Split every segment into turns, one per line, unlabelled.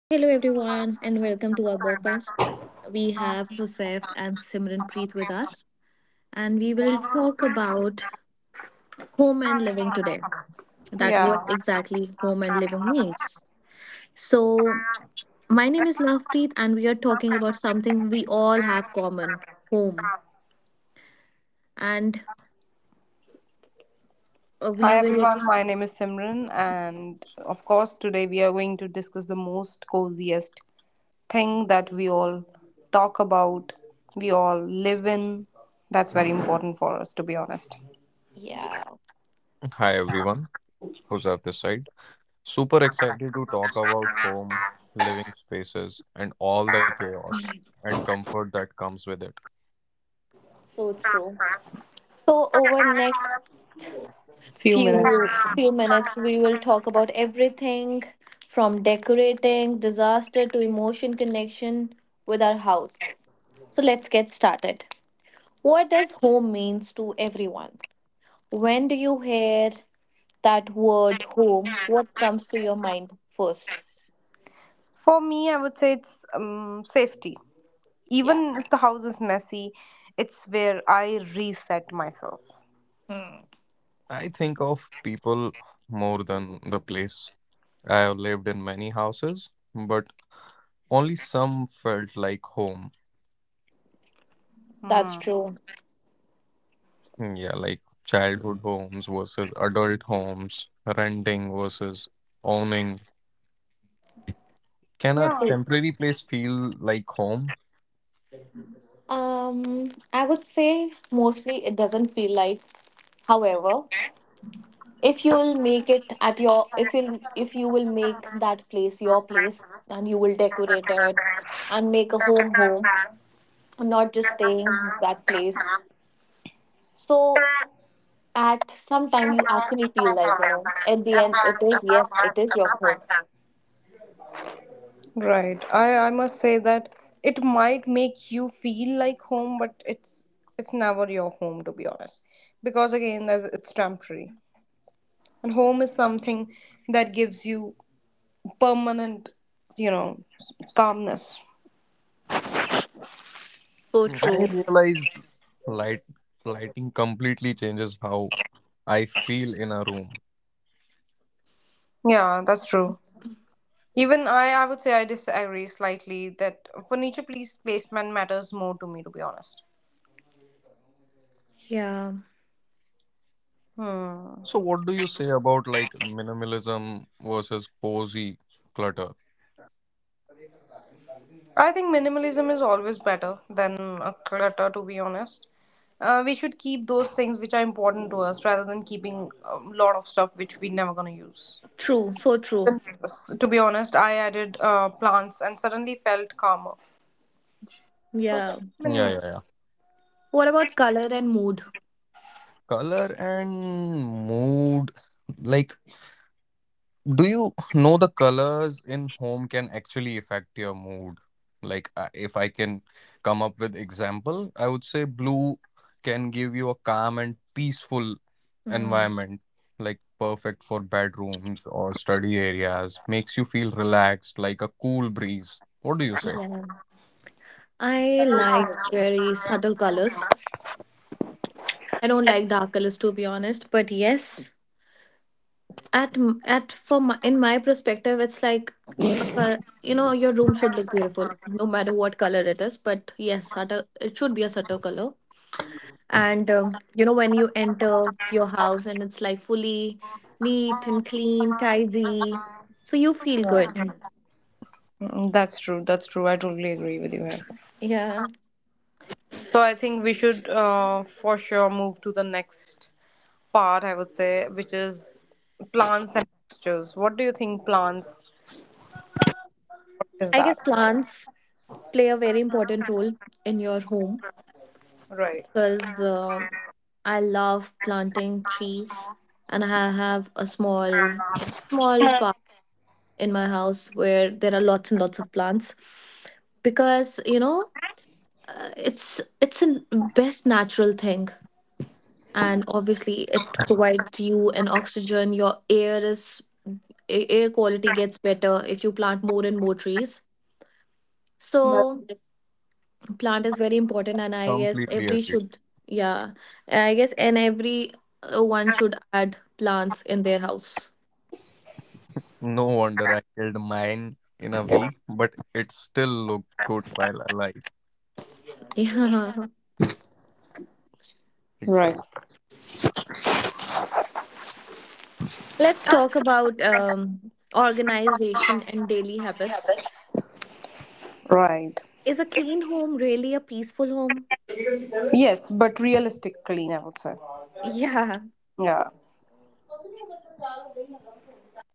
Hello, everyone, and welcome to our podcast. We have Joseph and Simran Preet with us, and we will talk about home and living today. That
Yeah.
what exactly home and living means. So, my name is Lovepreet, and we are talking about something we all have common: home. And we
Hi
will
everyone, my name is Simran, and of course, today we are going to discuss the most coziest thing that we all talk about, we all live in. That's very important for us, to be honest.
so over next
Few minutes.
few few minutes we will talk about everything from decorating disaster to emotion connection with our house. So let's get started. What does home means to everyone? When do you hear that word home, what comes to your mind first?
For me, I would say it's safety.
Yeah.
Even if the house is messy, it's where I reset myself.
Hmm. That's
Hmm.
true.
Yeah.
I would say mostly it doesn't feel like, however, if you'll make it at your, if you will make that place your place and you will decorate it and make a home, not just staying that place. So at some time you actually feel like, you know, at the end it is, yes, it is your home.
Right. I must say that it might make you feel like home, but it's never your home to be honest. Because again, it's temporary, and home is something that gives you permanent, you know, calmness.
So true.
Yeah, that's true. Even I would say I disagree slightly that furniture placement matters more to me, to be honest.
Yeah.
Hmm. I think minimalism is always better than a clutter, to be honest. We should keep those things which are important to us rather than keeping a lot of stuff which we're never going to use.
True. So true.
Yes, to be honest, I added plants and suddenly felt calmer. So
Yeah.
that's minimal.
What about color and mood? Hmm. Yeah, I like very subtle colors. I don't like dark colors, to be honest, but yes, at m- at for my, in my perspective it's like you know, your room should look beautiful no matter what color it is, but yes, it should be a subtle color. And you know, when you enter your house and it's like fully neat and clean, tidy, so you feel good. Mm.
Mm, that's true. That's true. I totally agree with you here.
Yeah,
So I think we should for sure move to the next part, I would say, which is plants and textures. What do you think plants is
I
that
guess
for?
plants play a very important role in your home,
Right.
because I love planting trees and I have a small in my house where there are lots and lots of plants. Because, you know, it's the best natural thing, and obviously it provides you an oxygen. Your air is air quality gets better if you plant more and more trees. So plant is very important and I guess every should. Yeah, I guess. And every one should add plants in their house. Yeah.
Right.
Let's talk about organization and daily habits.
Right.
Is a clean home really a peaceful home?
Yes, but realistically, I would say.
Yeah.
Yeah.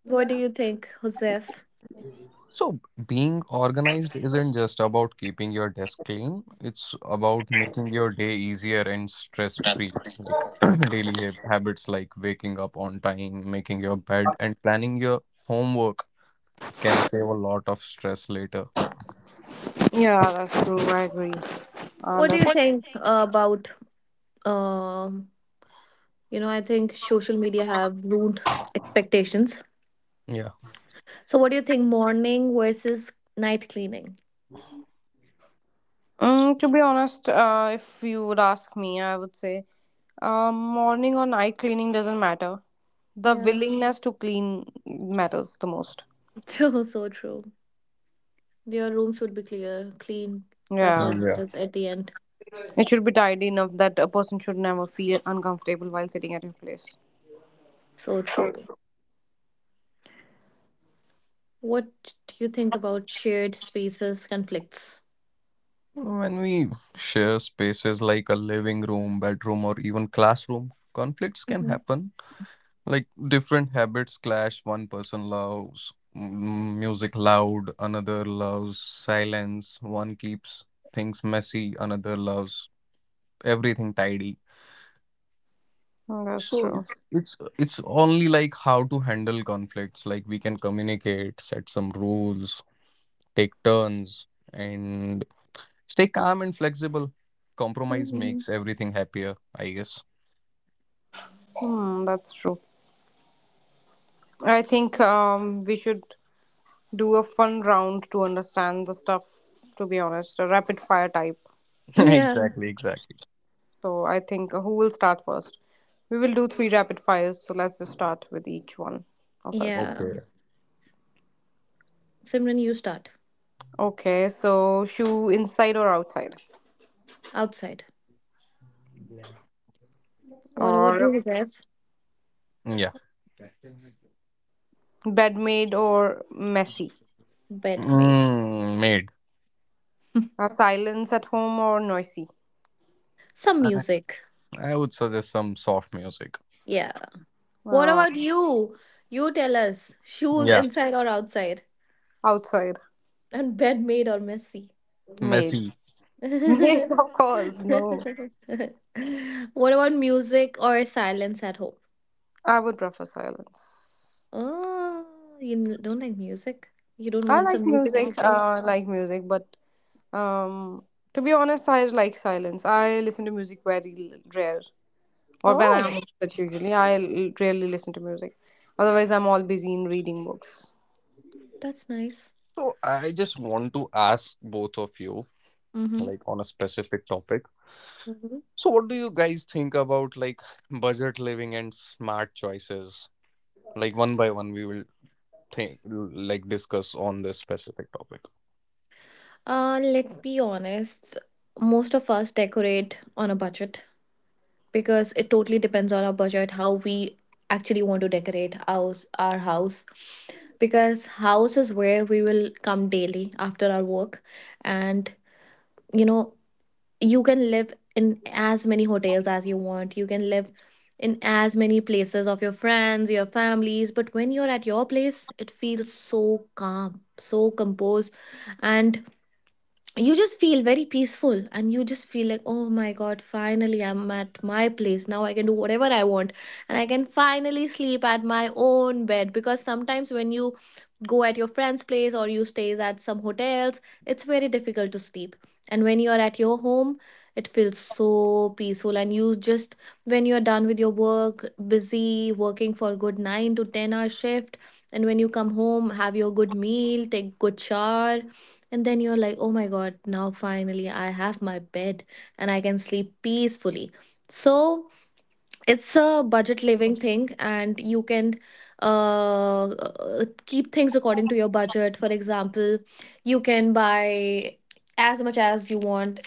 What do you think, Josef?
Yeah, that's true. I agree.
What do
That's.
you
What do you
think
think?
about? um you know, I think social media have ruined expectations. So, what do you think, morning versus night cleaning?
Mm, to be honest, if you would ask me, I would say, morning or night cleaning doesn't matter. The
Yeah,
willingness to clean matters the most.
true, so true. Your room should be clear, clean. That's
Yeah.
all matters at the end.
It should be tidy enough that a person should never feel uncomfortable while sitting at your place.
So true. What do you think about shared spaces conflicts? Mhm,
Mm, that's true.
mhm.
Hmm, that's true. I think we should do a fun round to understand the stuff, to be honest, a rapid fire type.
Yeah,
So I think who will start first? We will do three rapid fires, so let's just start with each one of us.
yeah. Simran, you start.
Okay, so shoe inside or outside?
Outside. What about
Or
you, Jeff?
bed made or messy?
Bedmate.
Silence at home or noisy?
Some music. Yeah. What
Uh,
about you? You tell us. Shoes inside or outside?
outside.
And bedmate or messy?
Made. Made, of course, no.
What about music or silence at home?
I would prefer silence.
Oh, you don't like music? You don't
I
want some
like
music at your
music. I
place?
like music, but Um, to be honest, I like silence. I listen to music rare, or when
Oh,
I'm but usually I rarely listen to music. Otherwise, I'm all busy in reading books.
that's nice. Mm-hmm. Let us be honest, most of us decorate on a budget, because it totally depends on our budget how we actually want to decorate house our house. Because house is where we will come daily after our work, and, you know, you can live in as many hotels as you want, you can live in as many places of your friends, your families, but when you're at your place it feels so calm, so composed. And you just feel very peaceful and you just feel like, oh my god, finally I'm at my place, now I can do whatever I want. And I can finally sleep at my own bed, because sometimes when you go at your friend's place or you stays at some hotels, it's very difficult to sleep. And when you are at your home it feels so peaceful, and you just, when you're done with your work, busy working for a good 9 to 10 hour shift, and when you come home, have your good meal, take good shower, and then you're like, oh my God, now finally I have my bed and I can sleep peacefully. So it's a budget living thing, and you can keep things according to your budget. For example, you can buy as much as you want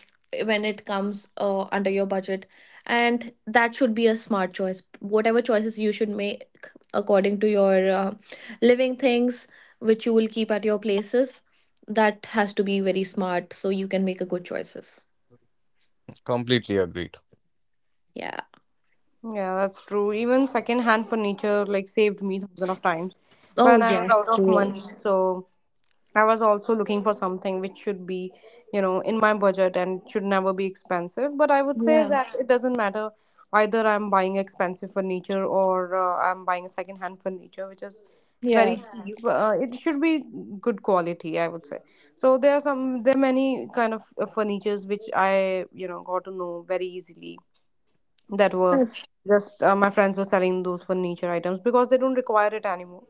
when it comes under your budget. And that should be a smart choice, whatever choices you should make according to your living things which you will keep at your places, that has to be very smart so you can make a good choices. Yeah.
Yeah, that's true. Even secondhand furniture like saved me thousands of times
Oh
when I was
yes,
out of
true.
money. So I was also looking for something which should be, you know, in my budget and should never be expensive. But I would say
Yeah.
that it doesn't matter either I'm buying expensive furniture or I'm buying a second hand furniture, which is very
Yeah.
yeah, cheap. It should be good quality, I would say. So there are many kind of furnitures which I, you know, got to know very easily that were just my friends were selling those furniture items because they don't require it anymore,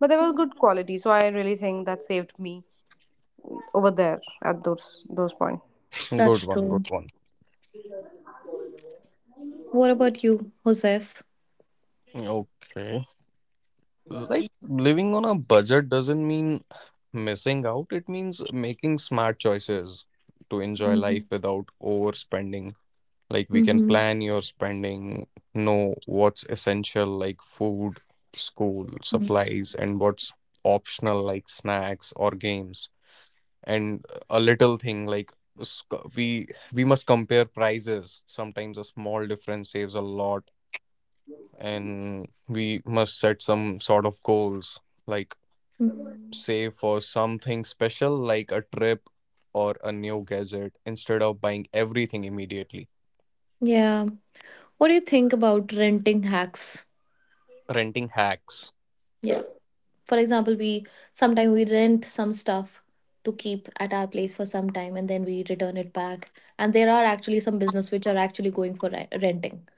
but they were
Mm,
good quality, so I really think that saved me over there at those points.
that's true. What about you, Josef? Mm-hmm. Mm-hmm. Mm. Mm. Yeah. What do you think about renting hacks? Yeah. For example, we sometimes we rent some stuff to keep at our place for some time and then we return it back. And there are actually some business which are actually going for renting.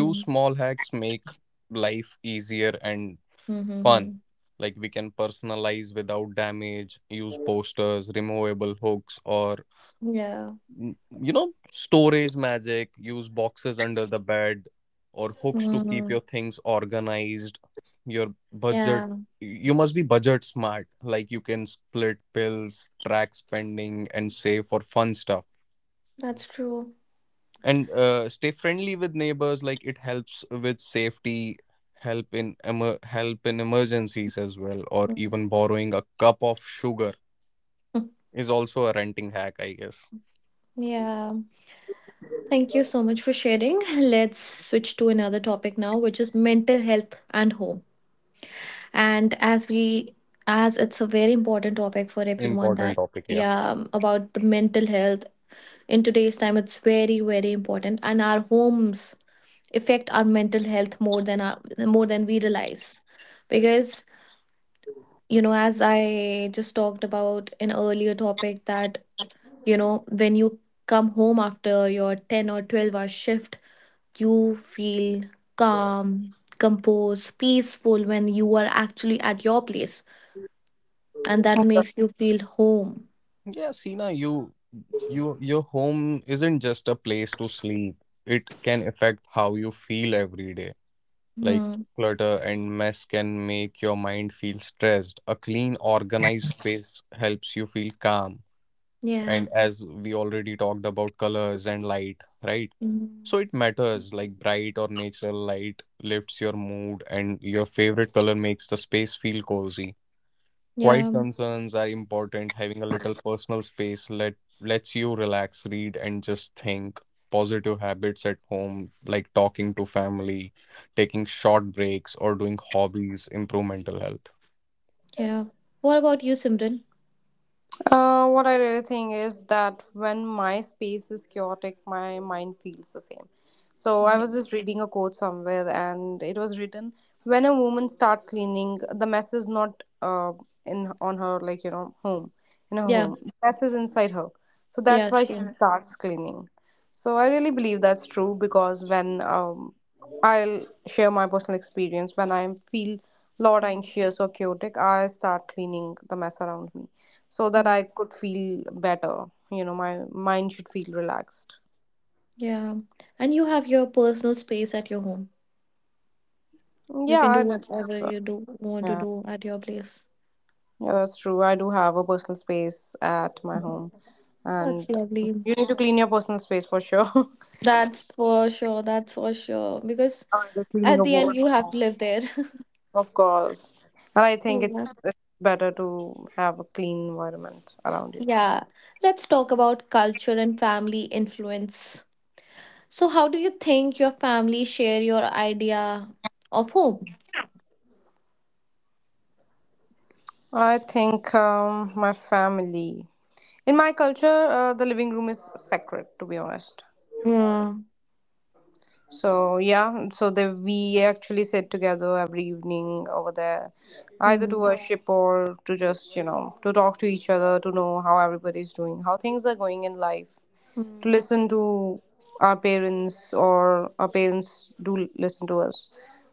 Mm-hmm. Yeah. Mm. Yeah. That's true. Mm. Yeah. Thank you so much for sharing. Let's switch to another topic now, which is mental health and home. And as it's a very important topic for everyone that, yeah, about the mental health in today's time, it's very, very important. And our homes affect our mental health more than more than we realize. Because, you know, as I just talked about in earlier topic that, you know, when you come home after your 10 or 12-hour shift, you feel calm, composed, peaceful when you are actually at your place, and that makes you feel home. Hmm. Yeah. Mm. Yeah. Yeah. What about you, Simran?
What I really think is that when my space is chaotic, my mind feels the same. So I was
Mm.
just reading a quote somewhere, and it was written, "When a woman start cleaning, the mess is not in on her, like you know, home in her
Yeah.
home. The mess is inside her. So that's
Yeah.
why she
True.
starts cleaning." So I really believe that's true because when I'll share my personal experience, when I feel lot
Mm.
anxious or chaotic, I start cleaning the mess around me so that
Mm.
I could feel better. You know, my mind should feel relaxed.
Yeah. And you have your personal space at your home. You
Yeah,
can
I
do
definitely
whatever
do.
you do want to
Yeah,
do at your place.
yeah, that's true. I do have a personal space at my home, and
That's lovely.
you need to clean your personal space for sure.
That's for sure. That's for sure. Because
Either cleaning
at
a
the end, you have
wardrobe,
to live there.
of course. And I think
Yeah.
it's better to have a clean environment around you.
Yeah, let's talk about culture and family influence. So, how do you think your family share your idea of home?
I think my family. In my culture, the living room is sacred, to be honest.
Yeah.
So yeah, so they we actually sit together every evening over there, either to
Mm.
worship or to just, you know, to talk to each other, to know how everybody's doing, how things are going in life, to
Mm.
listen to our parents or our parents do listen to us.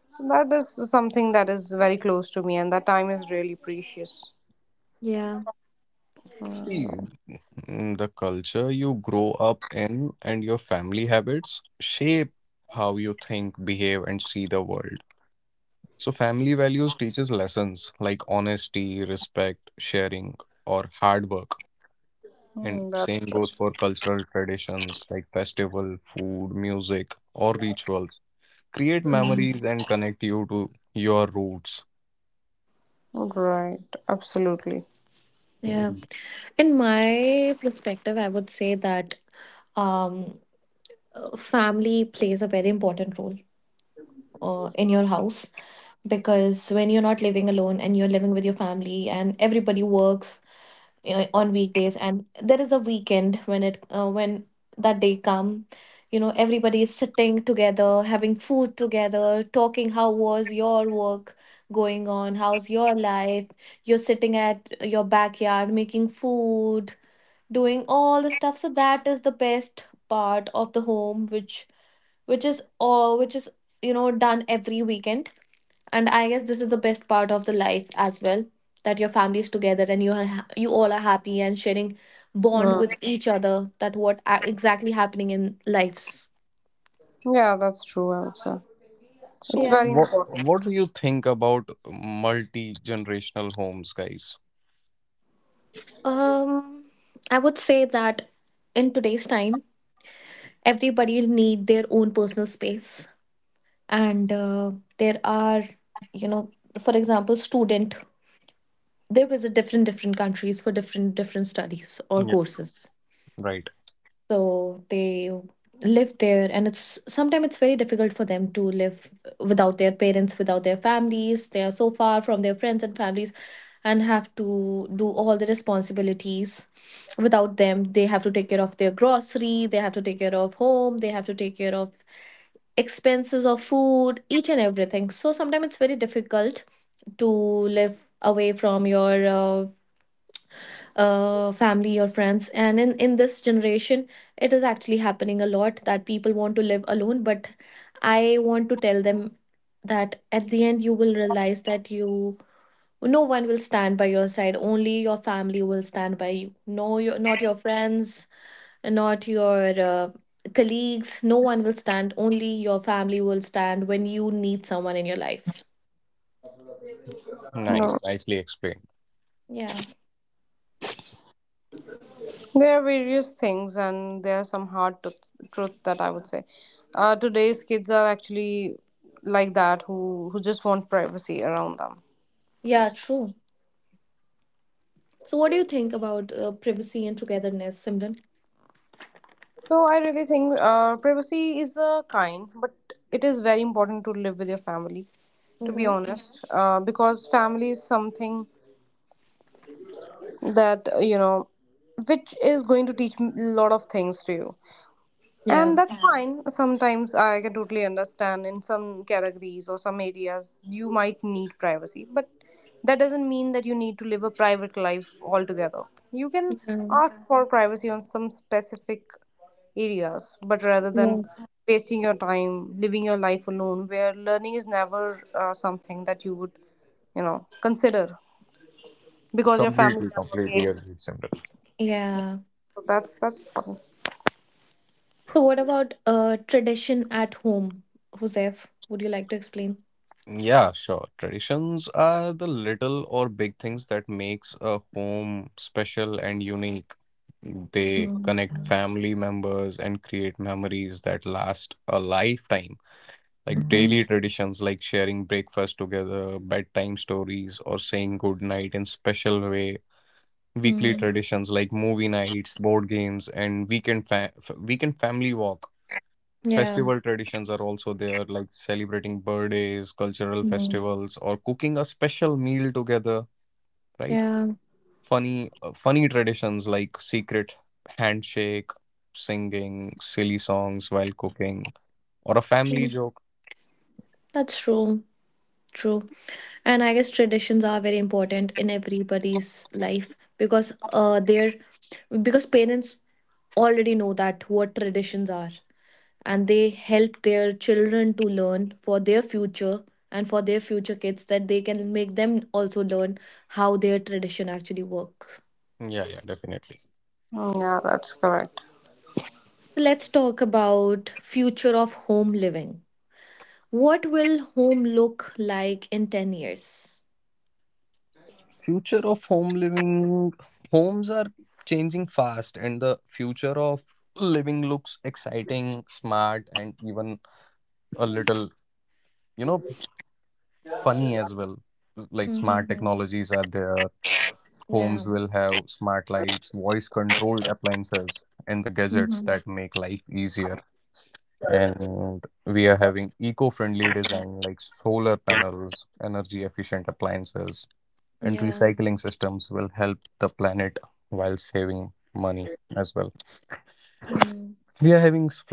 So that is something that is very close to me, and that time is really precious.
Yeah.
Mm, mm, that's true.
Mm.
Right, absolutely.
Yeah. In my perspective, I would say that um, family plays a very important role in your house. Because when you're not living alone and you're living with your family and everybody works on weekdays, and there is a weekend, when it when that day come, you know, everybody is sitting together, having food together, talking how was your work going on, how's your life, you're sitting at your backyard making food, doing all the stuff. So that is the best part of the home, which is, you know, done every weekend. And I guess this is the best part of the life as well, that your family is together and you all are happy and sharing bond
Mm.
with each other. That what exactly happening in lives.
Yeah, that's true. I would say it's
Yeah.
very important.
Um, I would say that in today's time, everybody need their own personal space. And there are, you know, for example, student, they visit different countries for different studies or courses, so they live there. And it's sometimes it's very difficult for them to live without their parents, without their families. They are so far from their friends and families, and have to do all the responsibilities without them. They have to take care of their grocery, they have to take care of home, they have to take care of expenses of food, each and everything. So sometimes it's very difficult to live away from your family or friends. And in this generation, it is actually happening a lot that people want to live alone. But I want to tell them that at the end you will realize that you no one will stand by your side. Only your family will stand by you. No not your friends, not your colleagues, no one will stand. Only your family will stand when you need someone in your life. Yeah.
There are various things, and there are some hard truth that I would say. Today's kids are actually like that, who just want privacy around them.
Yeah, true. So what do you think about privacy and togetherness, Simran?
So I really think privacy is a kind, but it is very important to live with your family. To be
Mm-hmm.
honest, because family is something that you know, which is going to teach a lot of things to you.
Yeah.
And that's yeah, fine. Sometimes I can totally understand in some categories or some areas you might need privacy, but that doesn't mean that you need to live a private life altogether. You can
Yeah.
ask for privacy on some specific areas, but rather
Yeah.
than wasting your time living your life alone, where learning is never something that you would, you know, consider because your family never waits.
Yeah.
So that's fine.
So what about tradition at home, Huzef? Would you like to explain? Mm. Mm-hmm. Mm. Yeah. Mm. Yeah. Mm. That's true. True. And I guess traditions are very important in everybody's life, because they're, because parents already know that what traditions are, and they help their children to learn for their future, and for their future kids, that they can make them also learn how their tradition actually works.
Yeah, that's correct.
So let's talk about future of home living. What will home look like in 10 years? Mm-hmm. Yeah. Mm-hmm. Yeah. Mm.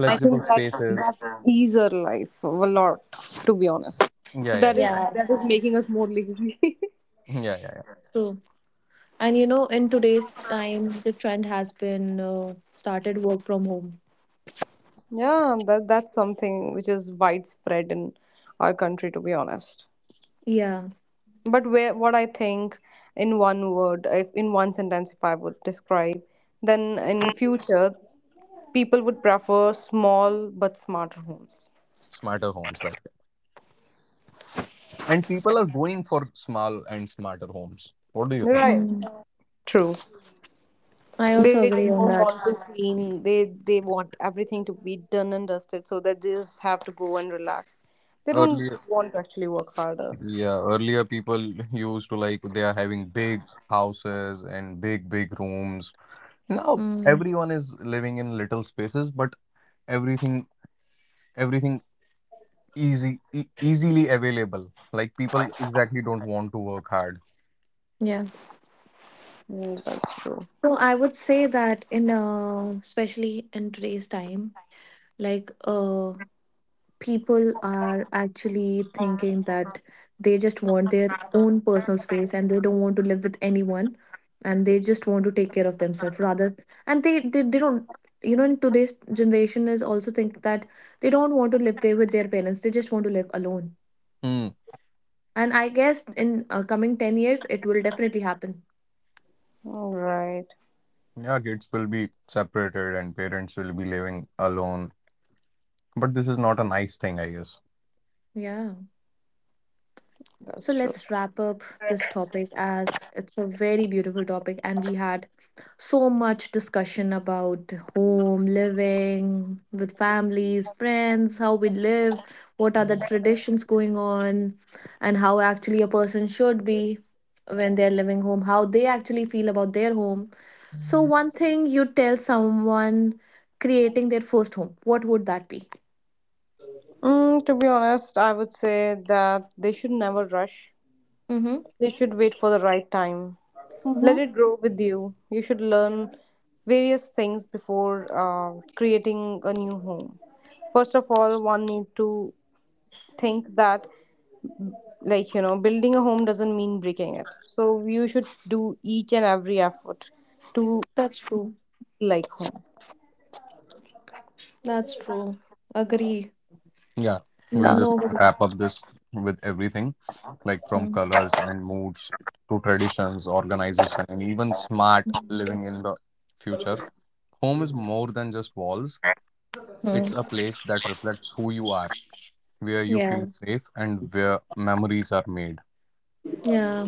I think that that easer life a lot, to be honest. So that is
Yeah,
that is making us more lazy.
true. And you know, in today's time, the trend has been started work from home.
Yeah, that that's something which is widespread in our country, to be honest.
Yeah.
But where what I think in one word, if in one sentence, if I would describe, then in future people would prefer small but smarter homes. Right.
Mm.
True.
I
They
also
just
agree
don't
on
want
that.
to clean. They want everything to be done and dusted so that they just have to go and relax. They don't want to actually work harder.
Yeah.
Mm, that's true.
So I would say that in especially in today's time, like uh, people are actually thinking that they just want their own personal space and they don't want to live with anyone, and they just want to take care of themselves rather. And they don't, in today's generation is also think that they don't want to live there with their parents, they just want to live alone. And I guess in coming 10 years it will definitely happen,
All right.
yeah. So
That's true.
let's wrap up this topic as it's a very beautiful topic, and we had so much discussion about home, living with families, friends, how we live, what are the traditions going on, and how actually a person should be when they're living home, how they actually feel about their home. So, one thing you tell someone creating their first home, what would that be?
Mm, to be honest, I would say that they should never rush.
Mm-hmm.
They should wait for the right time. Let
Mm-hmm.
it grow with you. You should learn various things before creating a new home. First of all, one need to think that, like you know, building a home doesn't mean breaking it, so you should do each and every effort to
That's true.
feel like home.
That's true. Agree. No.
Yeah,
Mhm, mhm. Yeah, yeah,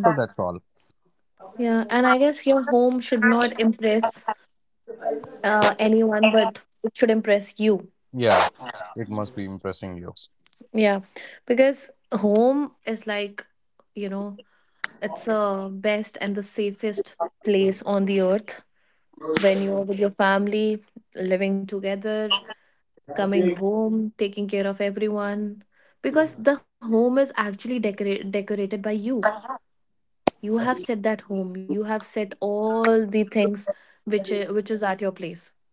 yeah. And I guess your home should not impress anyone, but it should impress you. Yeah, because home is like, you know, it's the best and the safest place on the earth when you're with your family, living together, coming home, taking care of everyone. Because the home is actually decorated by you. You have set that home. You have set all the things which is at your place.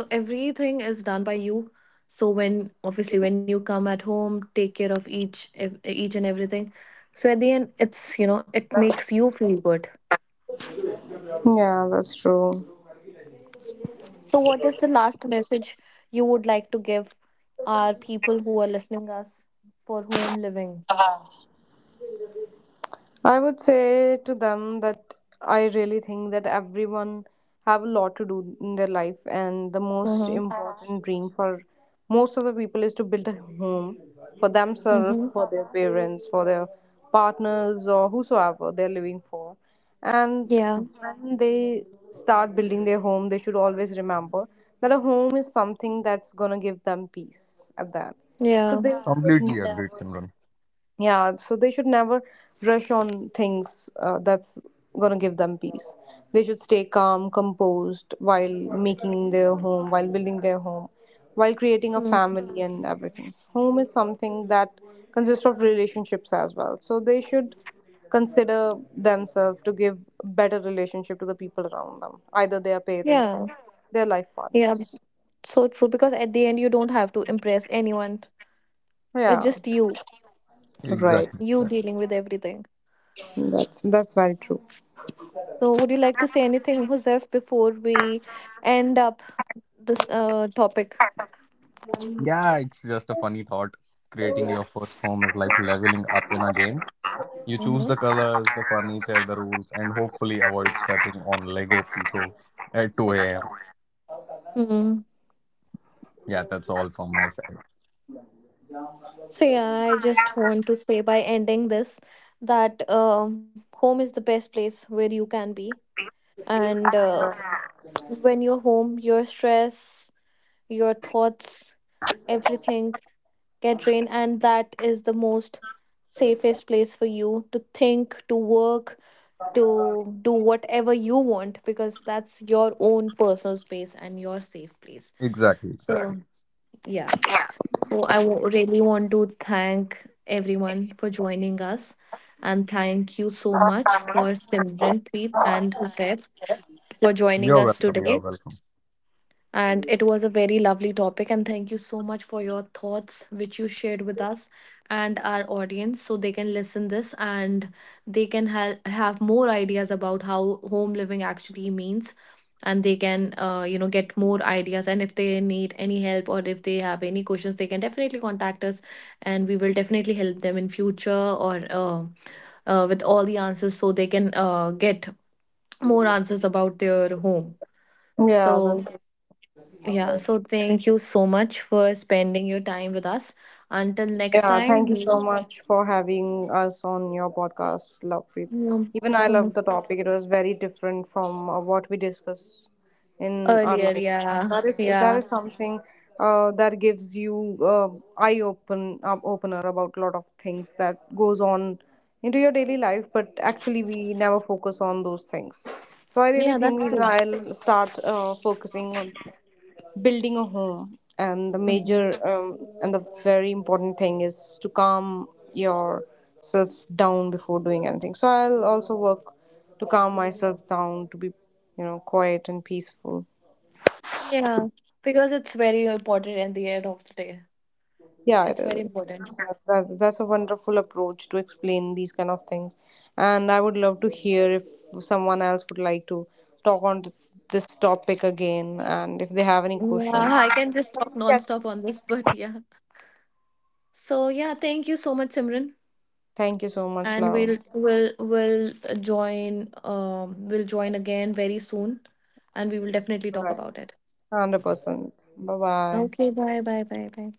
So everything is done by you. So when, obviously when you come at home, take care of each and everything. So at the end, it's you know it makes you feel good.
yeah, that's true.
So what is the last message you would like to give our people who are listening us for home living?
I would say to them that I really think that everyone have a lot to do in their life, and the most
Mm-hmm.
important dream for most of the people is to build a home for
Mm-hmm.
themselves, for their parents, for their partners, or whosoever they're living for. And
Yeah.
when they start building their home, they should always remember that a home is something that's gonna give them peace at that. So
Yeah.
they should never yeah, so they should never rush on things that's gonna give them peace. They should stay calm, composed while making their home, while building their home, while creating a
Mm.
family and everything. Home is something that consists of relationships as well. So they should consider themselves to give better relationship to the people around them, either their parents or
Yeah.
their life
Yeah.
partners.
So true. Because at the end, you don't have to impress anyone. It's
Yeah,
just you,
right.
you dealing with everything.
That's very true.
So, would you like to say anything, Josef, before we end up this topic? Mm-hmm. Mm. So yeah, I just want to say by ending this that home is the best place where you can be, and when you're home, your stress, your thoughts, everything get drained, and that is the most safest place for you to think, to work, to do whatever you want because that's your own personal space and your safe place. So, yeah. So, really want to thank everyone for joining us. And thank you so much for Simran, Preet, and Husef for joining us today. And it was a very lovely topic. And thank you so much for your thoughts, which you shared with us and our audience, so they can listen this and they can have more ideas about how home living actually means. And they can, get more ideas. And if they need any help or if they have any questions, they can definitely contact us, and we will definitely help them in future or with all the answers, so they can get more answers about their home.
Yeah,
So.
the,
Yeah, so thank you so much for spending your time with us. Until next
yeah.
time,
Thank you
meet
so much for having us on your podcast, Lovepreet.
you
Even I love the topic. It was very different from what we discuss in our
earlier.
life, and
Yeah,
that is that
yeah,
is something that gives you eye open opener about a lot of things that goes on into your daily life. But actually, we never focus on those things. So I really
yeah,
think
that's
even
true.
I'll start focusing on building a home, and the major
Mhm.
and the very important thing is to calm yourself down before doing anything. So I'll also work to calm myself down, to be, you know, quiet and peaceful.
Yeah, because it's very important at the end of the day.
Yeah, it
It's very
is
important.
that, that's a wonderful approach to explain these kind of things, and I would love to hear if someone else would like to talk on this topic again, and if they have any questions.
Yeah, I can just talk non-stop on this, but yeah. So yeah, thank you so much, Simran.
Thank you so much,
And
Love.
we'll join we'll join again very soon and we will definitely talk
Bye.
about it.
100%. Bye bye.
Okay, bye bye bye bye.